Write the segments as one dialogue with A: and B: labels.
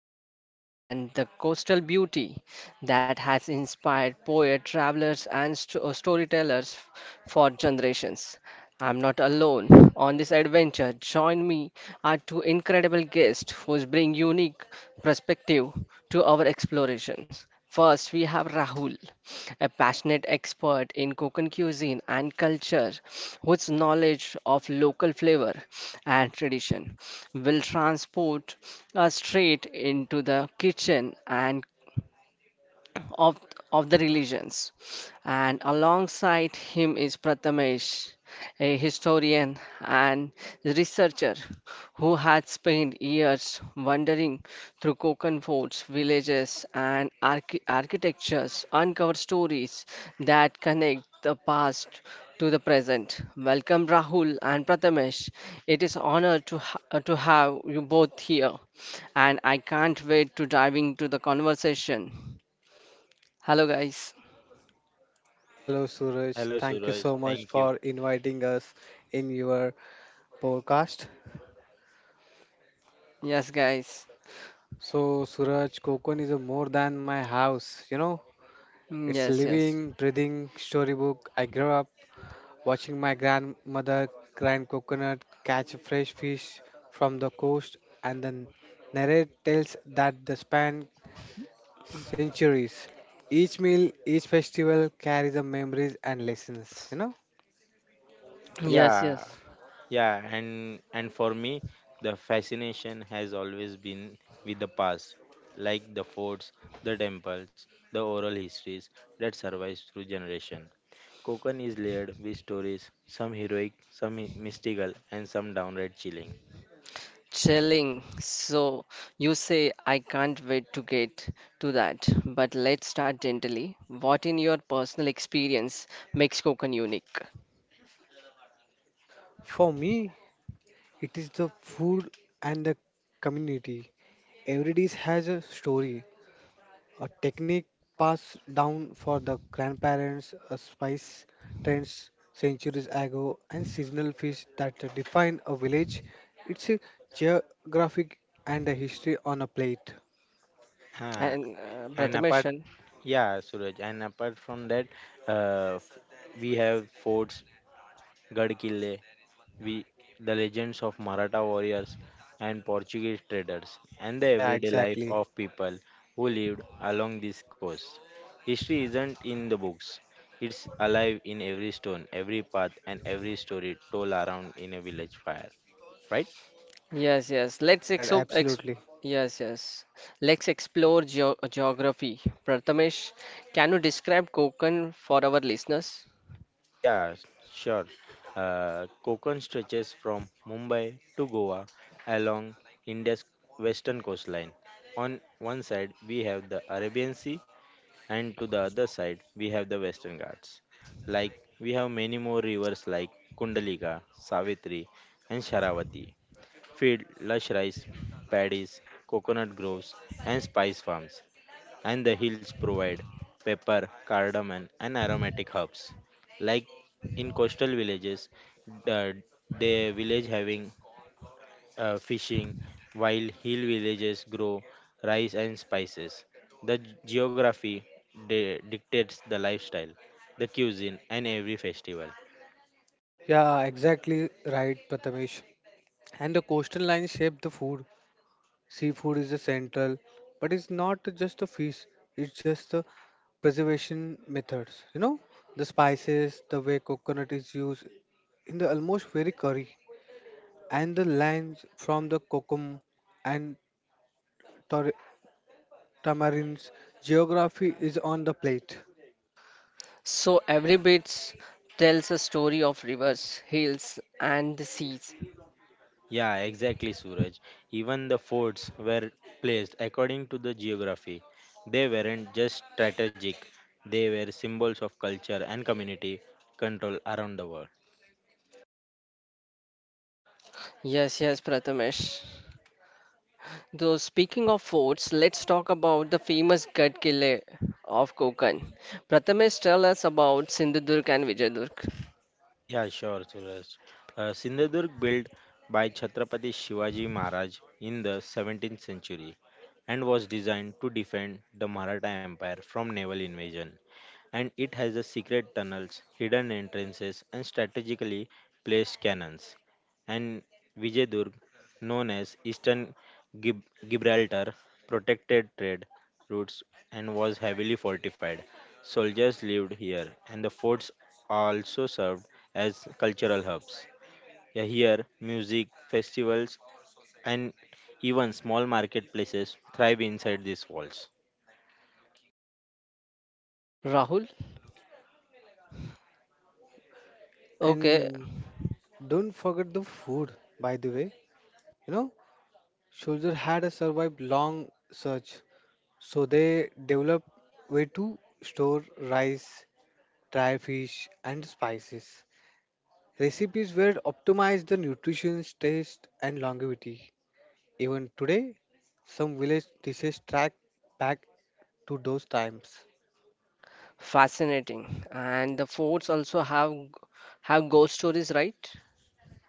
A: cuisine, and the coastal beauty that has inspired poet, travelers, and storytellers for generations. I'm not alone on this adventure. Join me are two incredible guests who bring unique perspective to our explorations. First, we have Rahul, a passionate expert in Konkan cuisine and culture, whose knowledge of local flavor and tradition will transport us straight into the kitchen and of, of the religions. And alongside him is Prathamesh, a historian and researcher who had spent years wandering through Konkan forts, villages, and architectures, uncover stories that connect the past to the present. Welcome, Rahul and Prathamesh. It is honor to to have you both here, and I can't wait to dive into the conversation. Hello, guys.
B: Hello, Suraj.
C: Hello,
B: Thank you
C: Suraj.
B: so much
C: Thank you.
B: for inviting us in your podcast.
A: Yes, guys.
B: So, Suraj, Kokon is a more than my house. It's a
A: Yes, yes.
B: living, breathing storybook. I grew up watching my grandmother grind coconut, catch fresh fish from the coast, and then narrate tales that the span centuries. Each meal, each festival carries the memories and lessons.
A: Yes,
C: Yeah,
A: yes.
C: and for me, the fascination has always been with the past, like the forts, the temples, the oral histories that survives through generation. Konkan is layered with stories, some heroic, some mystical, and some downright chilling.
A: Chilling. So you say I can't wait to get to that. But let's start gently. What in your personal experience makes Konkan unique?
B: For me, it is the food and the community. Every dish has a story, a technique passed down for the grandparents, a spice trends centuries ago, and seasonal fish that define a village. It's a geographic and a history on a plate.
C: Huh.
A: And
C: And apart,
A: Prathamesh,
C: yeah, Suraj. And apart from that, uh, f- we have forts, Gad Kille, we the legends of Maratha warriors and Portuguese traders, and the
B: Yeah,
C: everyday life
B: exactly.
C: of people who lived along this coast. History isn't in the books. It's alive in every stone, every path, and every story told around in a village fire. Right?
A: yes, yes. Let's
B: Right, right,
A: exo ex
B: absolutely.
A: Yes, yes. Let's explore geography. Prathamesh, can you describe Konkan for our listeners?
C: Yeah, s- sure. Konkan stretches from Mumbai to Goa along India's western coastline. On one side, we have the Arabian Sea, and to the other side, we have the Western Ghats. Like, we have many more rivers like Kundalika, Savitri, and Sharavati. Field, lush rice paddies, coconut groves, and spice farms. And the hills provide pepper, cardamom, and aromatic herbs. Like in coastal villages, the, the village having fishing, while hill villages grow rice and spices. The geography dictates the lifestyle, the cuisine, and every festival.
B: Yeah, exactly right, Prathamesh. And the coastal line shape the food. Seafood is a central, but it's not just a feast, it's just the preservation methods. The spices, the way coconut is used in the almost very curry, and the lines from the kokum and tar- tamarins. Geography is on the plate.
A: So every bit tells a story of rivers, hills, and the seas.
C: Yeah, exactly, Suraj. Even the forts were placed according to the geography. They weren't just strategic, they were symbols of culture and community control around the world.
A: Yes, yes, Prathamesh. Though speaking of forts, let's talk about the famous Ghat Kile of Konkan. Prathamesh, tell us about Sindhudurg and Vijayadurg.
C: Yeah, sure, Suraj. Sindhudurg built by Chhatrapati Shivaji Maharaj in the 17th century and was designed to defend the Maratha Empire from naval invasion. And it has the secret tunnels, hidden entrances, and strategically placed cannons. And Vijayadurg, known as Eastern Gib- Gibraltar, protected trade routes and was heavily fortified. Soldiers lived here, and the forts also served as cultural hubs. Yeah, here, music, festivals, and even small marketplaces thrive inside these walls.
A: Rahul, okay,
B: And don't forget the food, by the way. You know, Soldier had a survived long search, so they developed way to store rice dry fish, and spices. Recipes were optimized the nutrition, taste, and longevity. Even today, some village dishes track back to those times.
A: fascinating. And the forts also have ghost stories, right?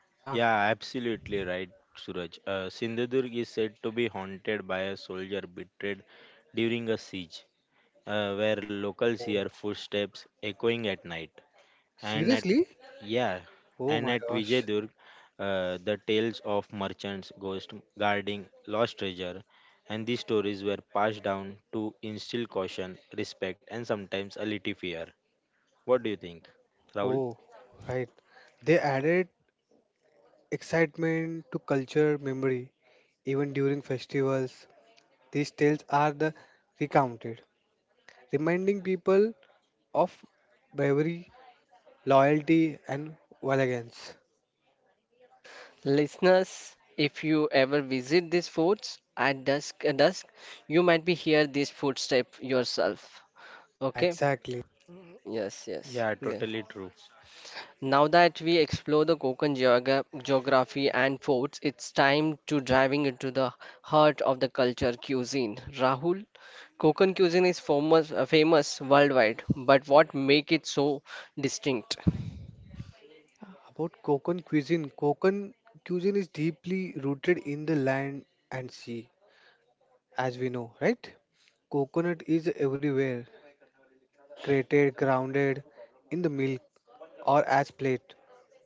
B: Yeah.
C: Yeah, absolutely right, Suraj. Sindhudurg is said to be haunted by a soldier betrayed during a siege, where locals hear
B: Whoa.
C: footsteps echoing at night. And at
B: Seriously?
C: yeah,
B: Oh
C: and
B: my
C: at
B: gosh.
C: Vijayadurg, the tales of merchants, ghosts guarding lost treasure, and these stories were passed down to instill caution, respect, and sometimes a little fear. What do you think, Rahul?
B: Oh, right. They added excitement to culture memory. Even during festivals, these tales are the recounted, reminding people of bravery, loyalty, and valiance.
A: Listeners, if you ever visit these forts at dusk, you might be hear these footsteps yourself.
B: Yeah,
A: Okay,
B: exactly.
A: yes, yes.
C: Yeah,
A: Yeah.
C: totally true.
A: Now that we explore the Konkan geography and forts, it's time to diving into the heart of the culture cuisine. Rahul, Konkan cuisine is famous worldwide, but what make it so distinct?
B: About Konkan cuisine is deeply rooted in the land and sea, as we know, right? Coconut is everywhere, grated, grounded in the milk or as plate.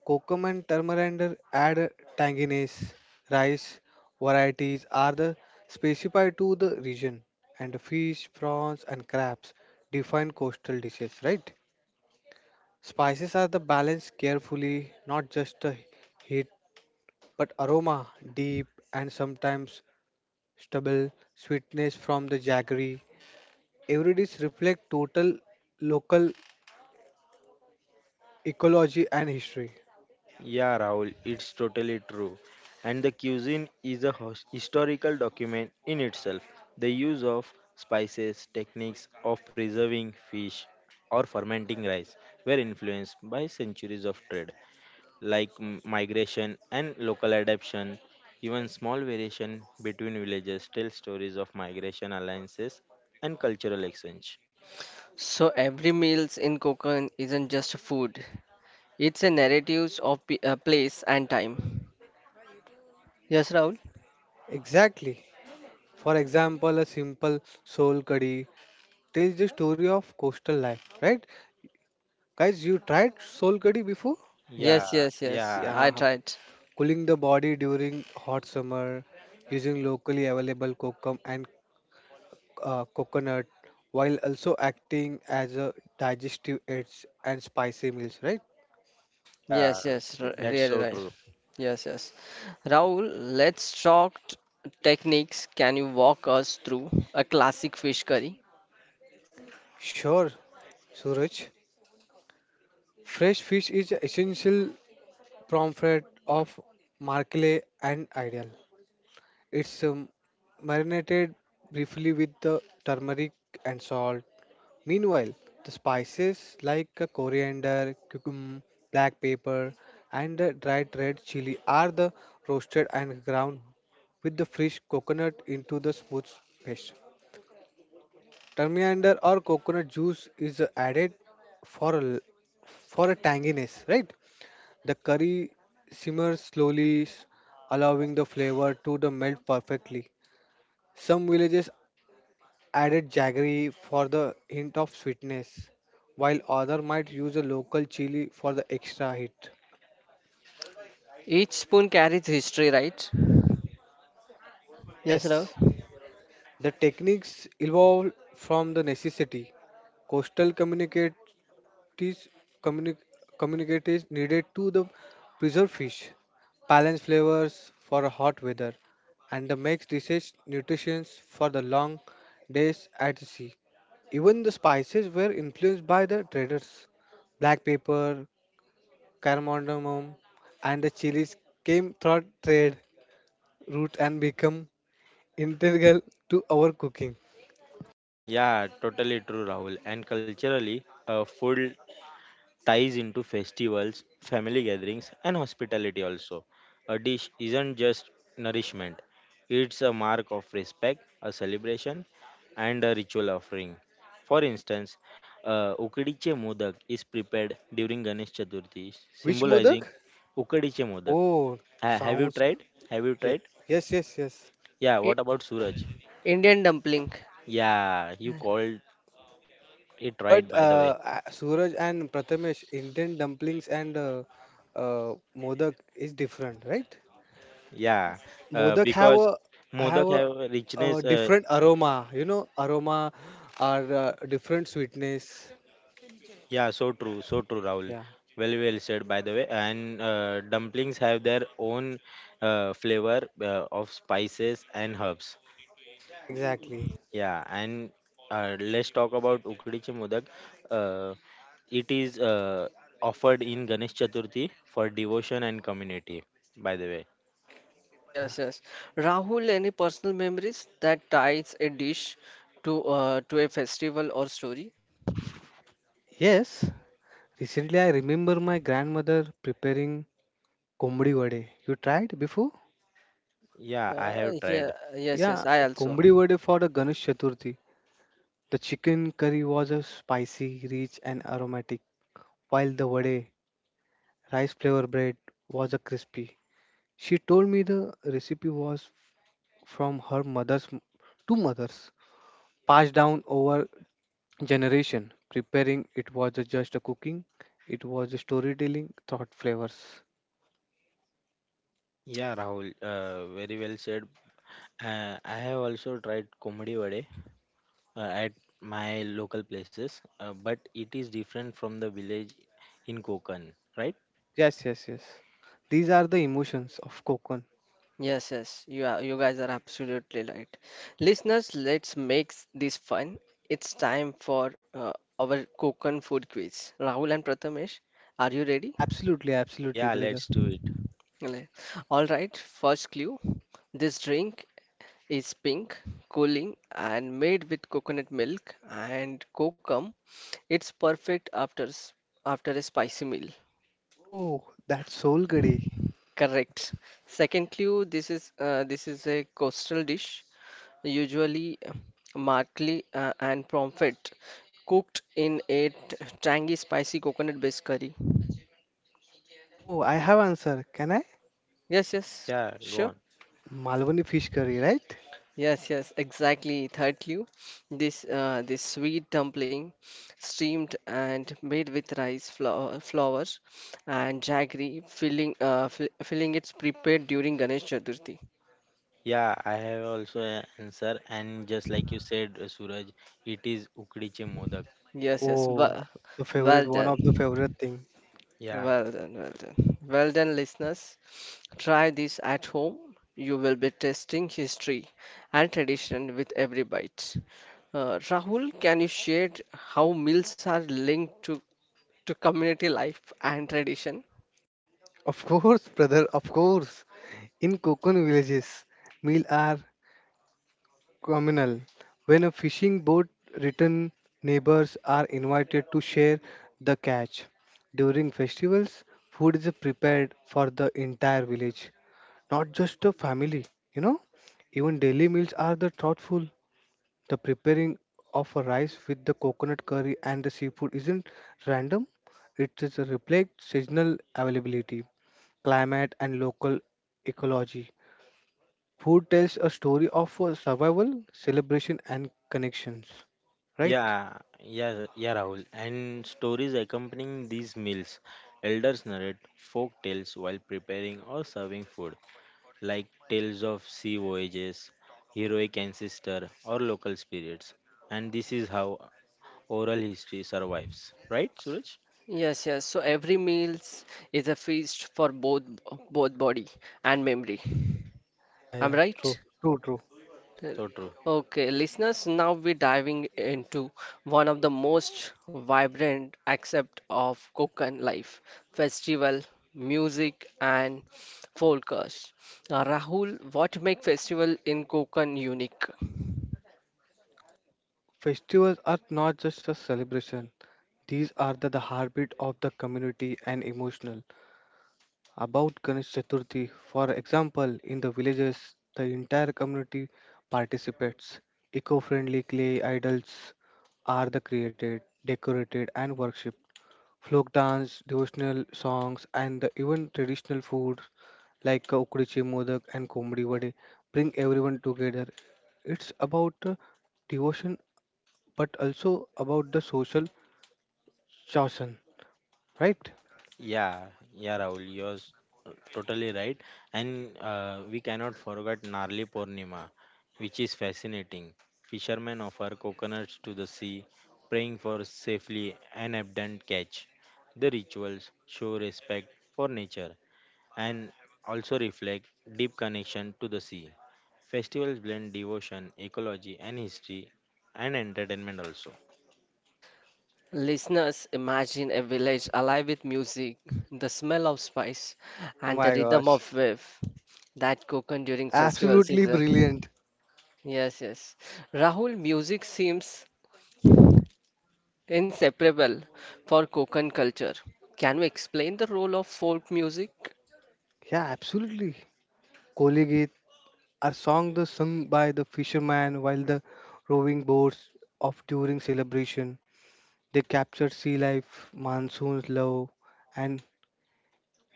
B: Kokum and turmeric add a tanginess. Rice varieties are the specified to the region, and fish, prawns, and crabs define coastal dishes, right? Spices are the balanced carefully, not just the heat but aroma, deep and sometimes stubble sweetness from the jaggery. Every dish reflects total local ecology and history.
C: Yeah, Rahul, it's totally true. And the cuisine is a historical document in itself. The use of spices, techniques of preserving fish or fermenting rice were influenced by centuries of trade, like migration and local adaptation. Even small variation between villages tell stories of migration alliances and cultural exchange.
A: So every meals in Konkan isn't just food; it's a narratives of place and time. Yes, Rahul.
B: Exactly. For example, a simple soul curry tells the story of coastal life, right? Guys, you tried soul curry before?
A: Yes,
C: Yeah,
A: yes, yes.
C: yeah,
A: I
B: Yeah,
A: tried.
B: cooling the body during hot summer using locally available kokum and coconut while also acting as a digestive aids and spicy meals, right?
C: yeah,
A: Yes, yes.
C: that's
A: Really
C: so
A: right.
C: true.
A: Yes, yes. Rahul, let's talk techniques. Can you walk us through a classic fish curry?
B: Sure, Suraj. Fresh fish is an essential component of markle and ideal. It's marinated briefly with the turmeric and salt. Meanwhile, the spices like coriander, cucum, black pepper, and dried red chili are the roasted and ground with the fresh coconut into the smooth paste. Turmeric or coconut juice is added for a, l- for a tanginess, right? The curry simmers slowly, allowing the flavor to the melt perfectly. Some villages added jaggery for the hint of sweetness, while other might use a local chili for the extra hit.
A: Each spoon carries history, right? Yes,
B: Yes,
A: Rahul.
B: the techniques evolved from the necessity. Coastal communities, communi- communities needed to the preserve fish, balance flavors for a hot weather, and the makes dishes nutrition for the long days at sea. Even the spices were influenced by the traders. Black pepper, cardamom, and the chilies came through trade route and become integral to our cooking.
C: Yeah, totally true, Rahul. And culturally, food ties into festivals, family gatherings, and hospitality also. A dish isn't just nourishment, it's a mark of respect, a celebration, and a ritual offering. For instance, Ukadiche Modak is prepared during Ganesh Chaturthi,
B: Which
C: symbolizing
B: modak?
C: Ukadiche Modak.
B: Oh,
C: Have you
B: sounds
C: tried? Have you
B: ye-
C: tried?
B: yes, yes, yes.
C: Yeah,
A: I-
C: what about Suraj?
A: Indian dumpling.
C: Yeah, you called it right,
B: But
C: by the way.
B: Suraj and Prathamesh, Indian dumplings and modak is different, right?
C: Yeah,
B: Modak have
C: because
B: a have
C: Modak have
B: a
C: richness.
B: different aroma, you know, aroma or different sweetness.
C: Yeah, so true, Rahul.
B: Yeah,
C: Well, well said, by the way. And dumplings have their own flavor of spices and herbs.
B: yeah, exactly.
C: Yeah, and let's talk about Ukdichi Modak. Uh, it is offered in Ganesh Chaturthi for devotion and community, by the way.
B: Yeah. Yeah.
A: Yes, yes. Rahul, any personal memories that ties a dish to a festival or story?
B: Yes. Recently, I remember my grandmother preparing kombdi vade. You tried before?
C: Yeah, I have
A: Yeah,
C: tried.
A: yes,
B: Yeah,
A: yes. I also.
B: kombdi vade for the Ganesh Chaturthi. The chicken curry was a spicy, rich, and aromatic, while the vade, rice flour bread, was a crispy. She told me the recipe was from her mother's two mothers, passed down over generation. Preparing it was a just a cooking, it was a storytelling, thought flavors.
C: Yeah, Rahul, very well said. I have also tried Komadi Vade at my local places, but it is different from the village in Konkan, right?
B: Yes, yes, yes. These are the emotions of coconut.
A: Yes, yes, you are, you guys are absolutely right. Listeners, let's make this fun. It's time for our Konkan food quiz. Rahul and Prathamesh, are you ready?
B: Absolutely, absolutely,
C: Yeah,
B: brother.
C: let's do it.
A: Le- All right, first clue. This drink is pink, cooling, and made with coconut milk and kokum. It's perfect after a spicy meal.
B: Oh, that soul curry.
A: Correct. Second clue, this is a coastal dish, usually martli and pomfret, cooked in a tangy, spicy coconut-based curry.
B: Oh, I have answer. Can I?
A: Yes, yes,
C: Yeah, go
A: sure.
C: on.
B: Malwani fish curry, right?
A: Yes, yes, exactly. Third clue, this sweet dumpling, steamed and made with rice flour and jaggery, filling, it's prepared during Ganesh Chaturthi.
C: Yeah, I have also an answer, and just like you said, Suraj, it is ukdiche modak.
A: Yes, yes,
B: Oh,
A: well,
B: the
A: well
B: favorite, one
A: done.
B: of the favorite thing.
C: Yeah,
A: Well done, well done. Well done, listeners. Try this at home. You will be testing history and tradition with every bite. Rahul, can you share how meals are linked to community life and tradition?
B: Of course, brother, of course. In Kokon villages, meal are communal. When a fishing boat return, neighbors are invited to share the catch. During festivals, food is prepared for the entire village, not just a family, you know. Even daily meals are the thoughtful. The preparing of a rice with the coconut curry and the seafood isn't random. It is a reflect seasonal availability, climate and local ecology. Food tells a story of survival, celebration and connections. Right?
C: yeah, Rahul. And stories accompanying these meals, elders narrate folk tales while preparing or serving food, like tales of sea voyages, heroic ancestor, or local spirits. And this is how oral history survives. Right, Suraj?
A: Yes, yes. So every meals is a feast for both body and memory.
B: Yeah,
A: I'm
B: yeah, true.
A: right?
B: True, true.
C: Yeah, so true.
A: Okay, listeners, now we're diving into one of the most vibrant aspects of Konkan life festival, music, and forecast. Rahul, what makes festival in Konkan unique?
B: Festivals are not just a celebration. These are the heartbeat of the community and emotional. About Ganesh Chaturthi. For example, in the villages, the entire community participates. Eco friendly clay idols are the created, decorated, and worshipped. Folk dance, devotional songs, and the even traditional food like ukdichi modak and komdi vade bring everyone together. It's about devotion, but also about the social chosen, right?
C: Yeah, yeah, Rahul, you're totally right. And we cannot forget Narli Purnima, which is fascinating. Fishermen offer coconuts to the sea, praying for safely an abundant catch. The rituals show respect for nature and also reflect deep connection to the sea. Festivals blend devotion, ecology, and history and entertainment also.
A: Listeners, imagine a village alive with music, the smell of spice,
B: Oh
A: and the
B: my
A: rhythm
B: gosh.
A: of wave that Konkan during festival
B: Absolutely
A: season.
B: brilliant.
A: Yes, yes. Rahul, music seems inseparable for Konkan culture. Can we explain the role of folk music?
B: Yeah, absolutely. Koli Geet are songs sung by the fishermen while the rowing boats of during celebration. They capture sea life, monsoon's love, and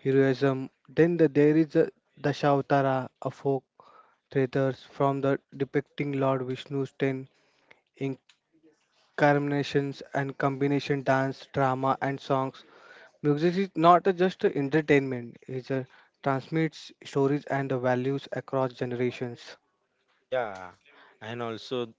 B: heroism. Then there is a Dashavatara, a folk treatise from the depicting Lord Vishnu's ten incarnations and combination dance, drama, and songs. Music is not a just a entertainment; it is a transmits stories and the values across generations.
C: Yeah, and also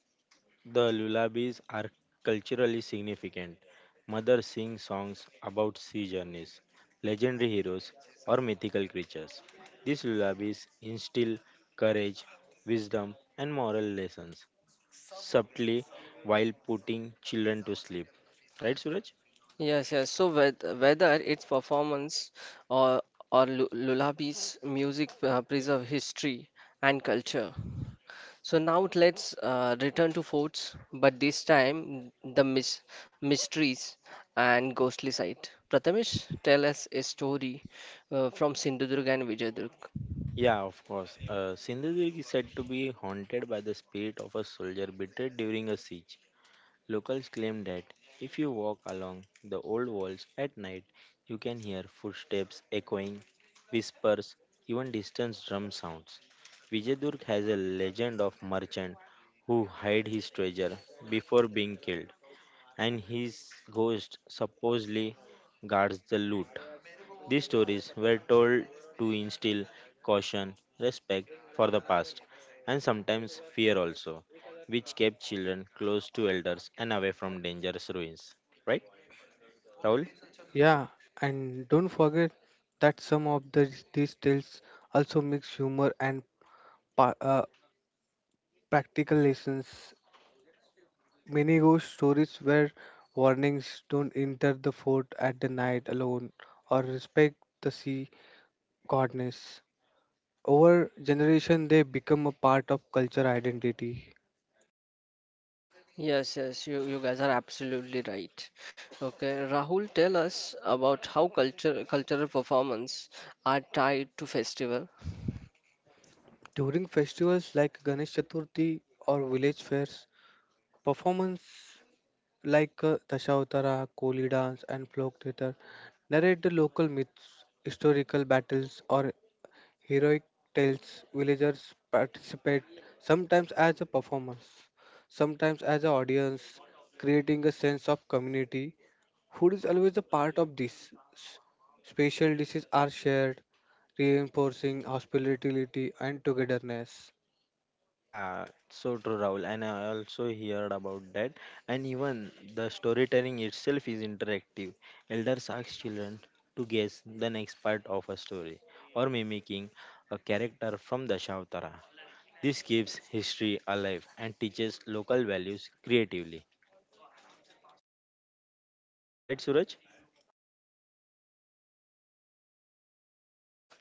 C: the lullabies are culturally significant. Mothers sing songs about sea journeys, legendary heroes, or mythical creatures. These lullabies instill courage, wisdom, and moral lessons subtly while putting children to sleep. Right, Suraj?
A: Yes, yes. So whether it's performance or or lullabies, music preserve history and culture. So now let's return to forts, but this time the mysteries and ghostly side. Prathamesh, tell us a story from Sindhudurg and Vijayadurg.
C: Yeah, of course. Sindhudurg is said to be haunted by the spirit of a soldier betrayed during a siege. Locals claim that if you walk along the old walls at night, you can hear footsteps echoing, whispers, even distant drum sounds. Vijayadurg has a legend of merchant who hid his treasure before being killed, and his ghost supposedly guards the loot. These stories were told to instill caution, respect for the past, and sometimes fear also, which kept children close to elders and away from dangerous ruins. Right, Rahul?
B: Yeah, and don't forget that some of these tales also mix humor and pa- uh, practical lessons. Many ghost stories where warnings don't enter the fort at the night alone or respect the sea goddess. Over generation, they become a part of culture identity.
A: Yes, yes, you guys are absolutely right. Okay, Rahul, tell us about how culture cultural performance are tied to festival.
B: During festivals like Ganesh Chaturthi or village fairs, performance like Dashavatara, Koli dance, and folk theatre narrate the local myths, historical battles, or heroic tales. Villagers participate sometimes as a performers, sometimes as an audience, creating a sense of community. Food is always a part of this. Special dishes are shared, reinforcing hospitality and togetherness.
C: Yeah, so true, Rahul. And I also heard about that. And even the storytelling itself is interactive. Elders ask children to guess the next part of a story or mimicking a character from the Dashavatara. This keeps history alive and teaches local values creatively. Right, Suraj?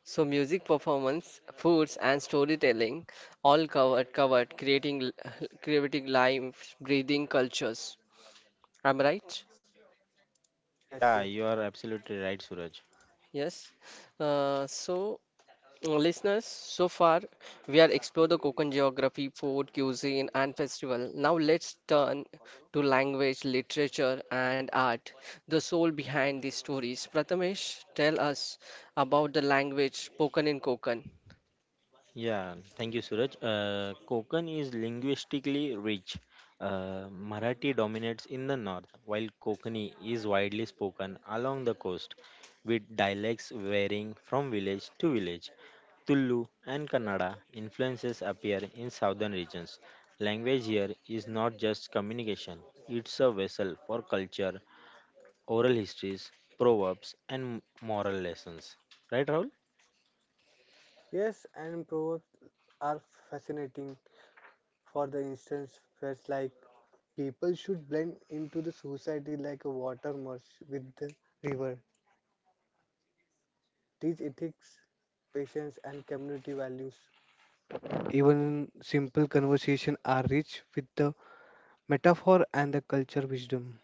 A: So music performance, foods, and storytelling all covered, creating creating life, breathing cultures. Am I right?
B: Yes,
C: Yeah,
B: yes,
C: you are absolutely right, Suraj.
A: Yes. Uh, so Listeners, so far we are explored the Konkan geography, food, cuisine, and festival. Now let's turn to language, literature, and art, the soul behind these stories. Prathamesh, tell us about the language spoken in Konkan.
C: Yeah, thank you, Suraj. Konkan is linguistically rich. Marathi dominates in the north, while Kokani is widely spoken along the coast, with dialects varying from village to village. Tulu and Kannada influences appear in southern regions. Language here is not just communication, it's a vessel for culture, oral histories, proverbs, and moral lessons. Right, Rahul?
B: yes, and proverbs are fascinating. For the instance felt like people should blend into the society like a water merge with the river, teach ethics, patience and community values. Even simple conversation are rich with the metaphor and the culture wisdom.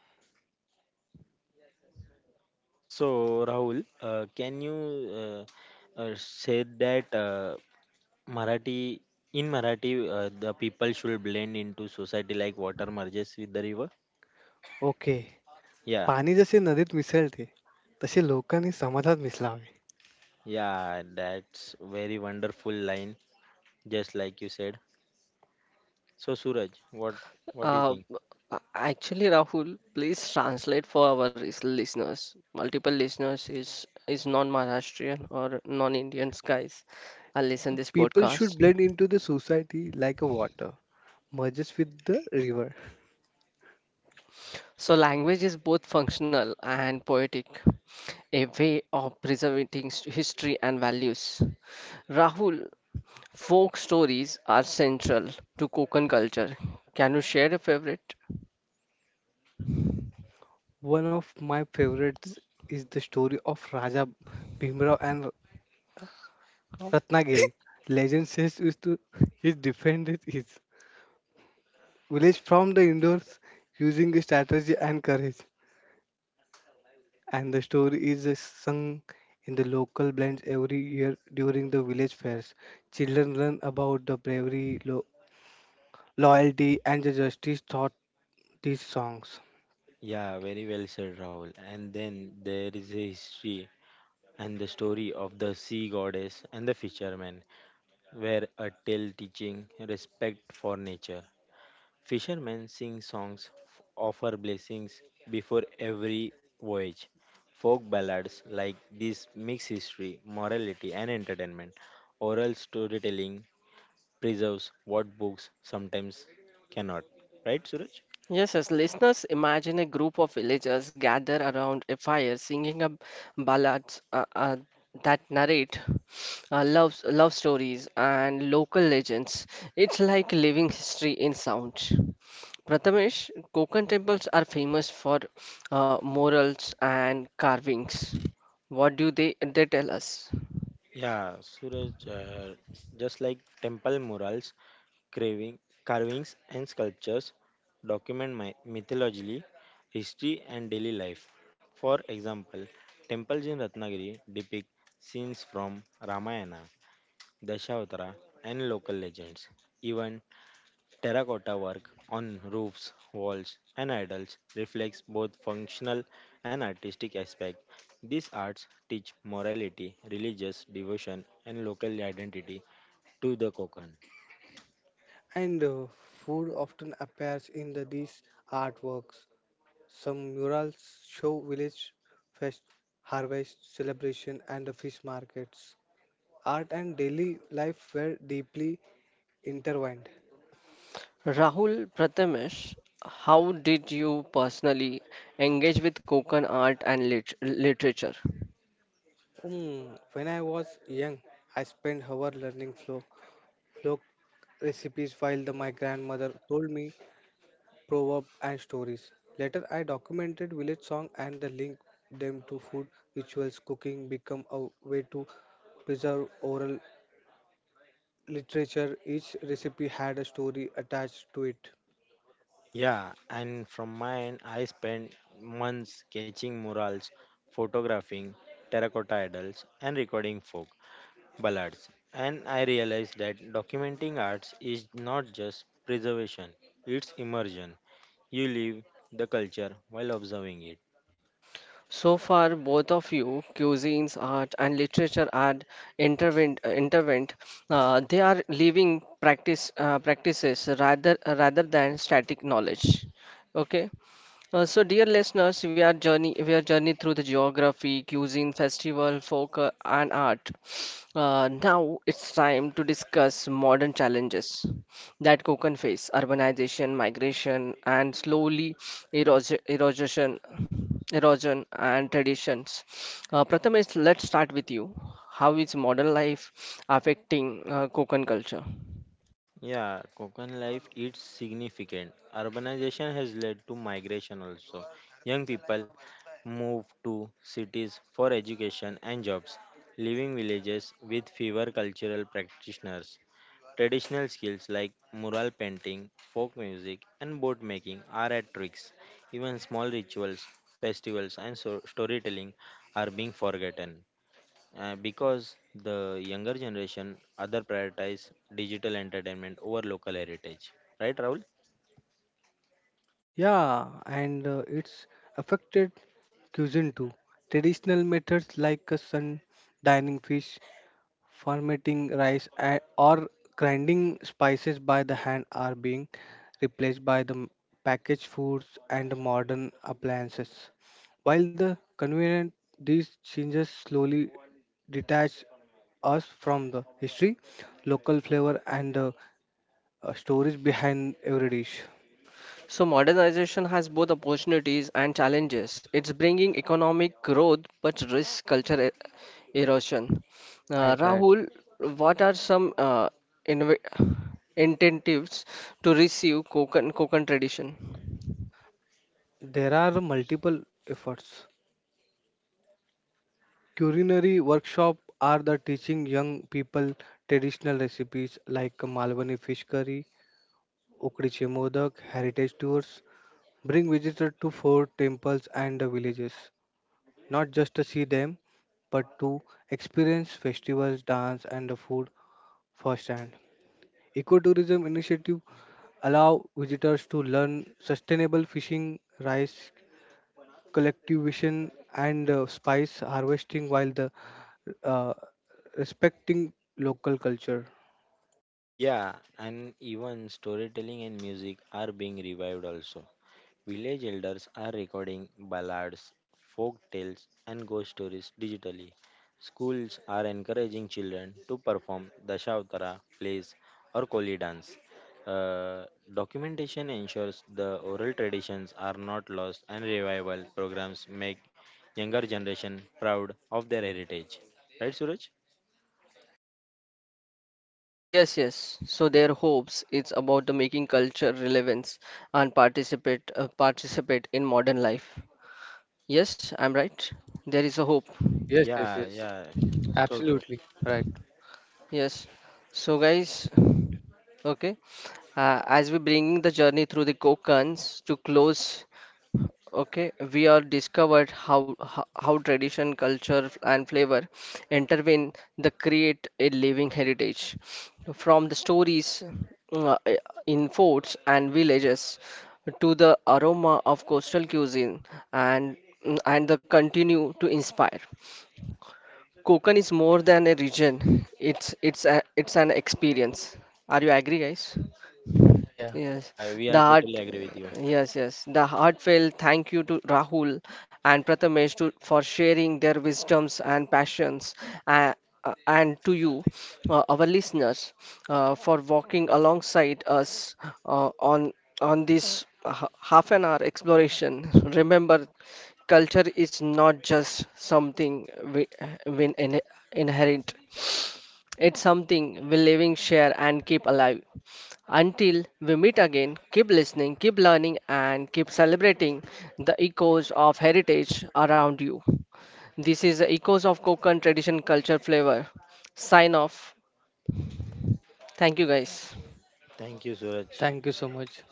C: So, Rahul, can you say that Marathi in Marathi the people should blend into society like water merges with the river?
B: Okay.
C: Yeah,
B: पाणी जसे नदीत मिसळते तसे लोकांनी समाजात मिसळावे.
C: yeah, that's very wonderful line, just like you said. So, Suraj, what do you
A: Uh,
C: think?
A: actually, Rahul, please translate for our listeners. Multiple listeners is non-Maharashtrian or non-Indian guys. I listen this
B: people
A: podcast.
B: Should blend into the society like a water merges with the river.
A: So language is both functional and poetic, a way of preserving history and values. Rahul, folk stories are central to Konkan culture. Can you share a favorite?
B: One of my favorites is the story of Raja Bhimrao and
A: Oh.
B: Ratnagiri. Legend says is to he defended his village from the indoors using strategy and courage. And the story is sung in the local blends every year during the village fairs. Children learn about the bravery, loyalty, and the justice taught these songs.
C: Yeah, very well said, Rahul. And then there is a history and the story of the sea goddess and the fisherman, where a tale teaching respect for nature. Fishermen sing songs offer blessings before every voyage. Folk ballads like this mix history, morality, and entertainment. Oral storytelling preserves what books sometimes cannot. Right, Suraj?
A: Yes, as listeners, imagine a group of villagers gather around a fire singing a ballads that narrate love stories and local legends. It's like living history in sound. Prathamesh, Konkan temples are famous for murals and carvings. What do they tell us?
C: Yeah, Suraj, just like temple murals, Craving, carvings and sculptures document my mythology, history, and daily life. For example, temples in Ratnagiri depict scenes from Ramayana, Dashavatara, and local legends. Even terracotta work on roofs, walls, and idols reflects both functional and artistic aspect. These arts teach morality, religious devotion, and local identity to the Konkan.
B: And food often appears in these artworks. Some murals show village fest, harvest celebration, and the fish markets. Art and daily life were deeply intertwined.
A: Rahul Prathamesh, how did you personally engage with Konkan art and literature?
B: Hmm, when I was young, I spent hours learning folk recipes while my grandmother told me proverbs and stories. Later, I documented village song and the link them to food rituals. Cooking become a way to preserve oral literature. Each recipe had a story attached to it.
C: Yeah, and from mine, I spent months sketching murals, photographing terracotta idols, and recording folk ballads. And I realized that documenting arts is not just preservation, it's immersion. You live the culture while observing it.
A: So far, both of you, cuisines, art, and literature are intervened. They are living practices rather than static knowledge. Okay. So, dear listeners, we are journey through the geography, cuisine, festival, folk, and art. Now it's time to discuss modern challenges that Konkan face: urbanization, migration, and slowly erosion, erosion, erosion and traditions. Pratham is let's start with you. How is modern life affecting Konkan culture?
C: Yeah, Kokan life is significant. Urbanization has led to migration also. Young people move to cities for education and jobs, leaving villages with fewer cultural practitioners. Traditional skills like mural painting, folk music, and boat making are at risks. Even small rituals, festivals, and storytelling are being forgotten because the younger generation other prioritize digital entertainment over local heritage, right, Rahul?
B: Yeah, and it's affected cuisine too. Traditional methods like sun dining fish, fermenting rice, and, or grinding spices by the hand are being replaced by the packaged foods and modern appliances. While the convenient, these changes slowly detach us from the history, local flavor, and the stories behind every dish.
A: So modernization has both opportunities and challenges. It's bringing economic growth but risks culture erosion.
B: Right, right.
A: Rahul, what are some inv- incentives to receive Konkan tradition?
B: There are multiple efforts. Culinary workshop are the teaching young people traditional recipes like Malwani fish curry, Ukdi Chemodak, heritage tours. Bring visitors to fort, temples and the villages, not just to see them, but to experience festivals, dance and the food firsthand. Ecotourism initiative allow visitors to learn sustainable fishing, rice collectivization and spice harvesting while the uh, respecting local culture.
C: Yeah, and even storytelling and music are being revived also. Village elders are recording ballads, folk tales, and ghost stories digitally. Schools are encouraging children to perform Dashavatara plays or Koli dance. Uh, Documentation ensures the oral traditions are not lost, and revival programs make younger generation proud of their heritage. Right, Suraj?
A: Yes, yes. So their hopes it's about the making culture relevance and participate participate in modern life. Yes, I'm right. There is a
B: Yes,
A: hope.
B: yes, yes,
C: Yeah,
B: yes.
C: yeah, so true.
B: Absolutely right.
A: Yes. So, guys, okay, as we bringing the journey through the Kokans to close, okay, we are discovered how tradition, culture, and flavor intervene the create a living heritage. From the stories uh, in forts and villages to the aroma of coastal cuisine and and the continue to inspire. Kokan is more than a region. It's it's an experience. Are you agree, guys?
B: Yeah, yeah.
A: Yes,
C: We
A: the
C: are
A: heart,
C: totally agree with you.
A: yes, yes, the heartfelt thank you to Rahul and Prathamesh for sharing their wisdoms and passions, uh, and to you, our listeners, for walking alongside us uh, on on this half an hour exploration. Remember, culture is not just something we, we inherit. It's something we living, share, and keep alive. Until we meet again, keep listening, keep learning, and keep celebrating the echoes of heritage around you. This is the Echoes of Konkan Tradition Culture Flavor. Sign off. Thank you, guys.
C: Thank you, Suraj.
B: Thank you so much.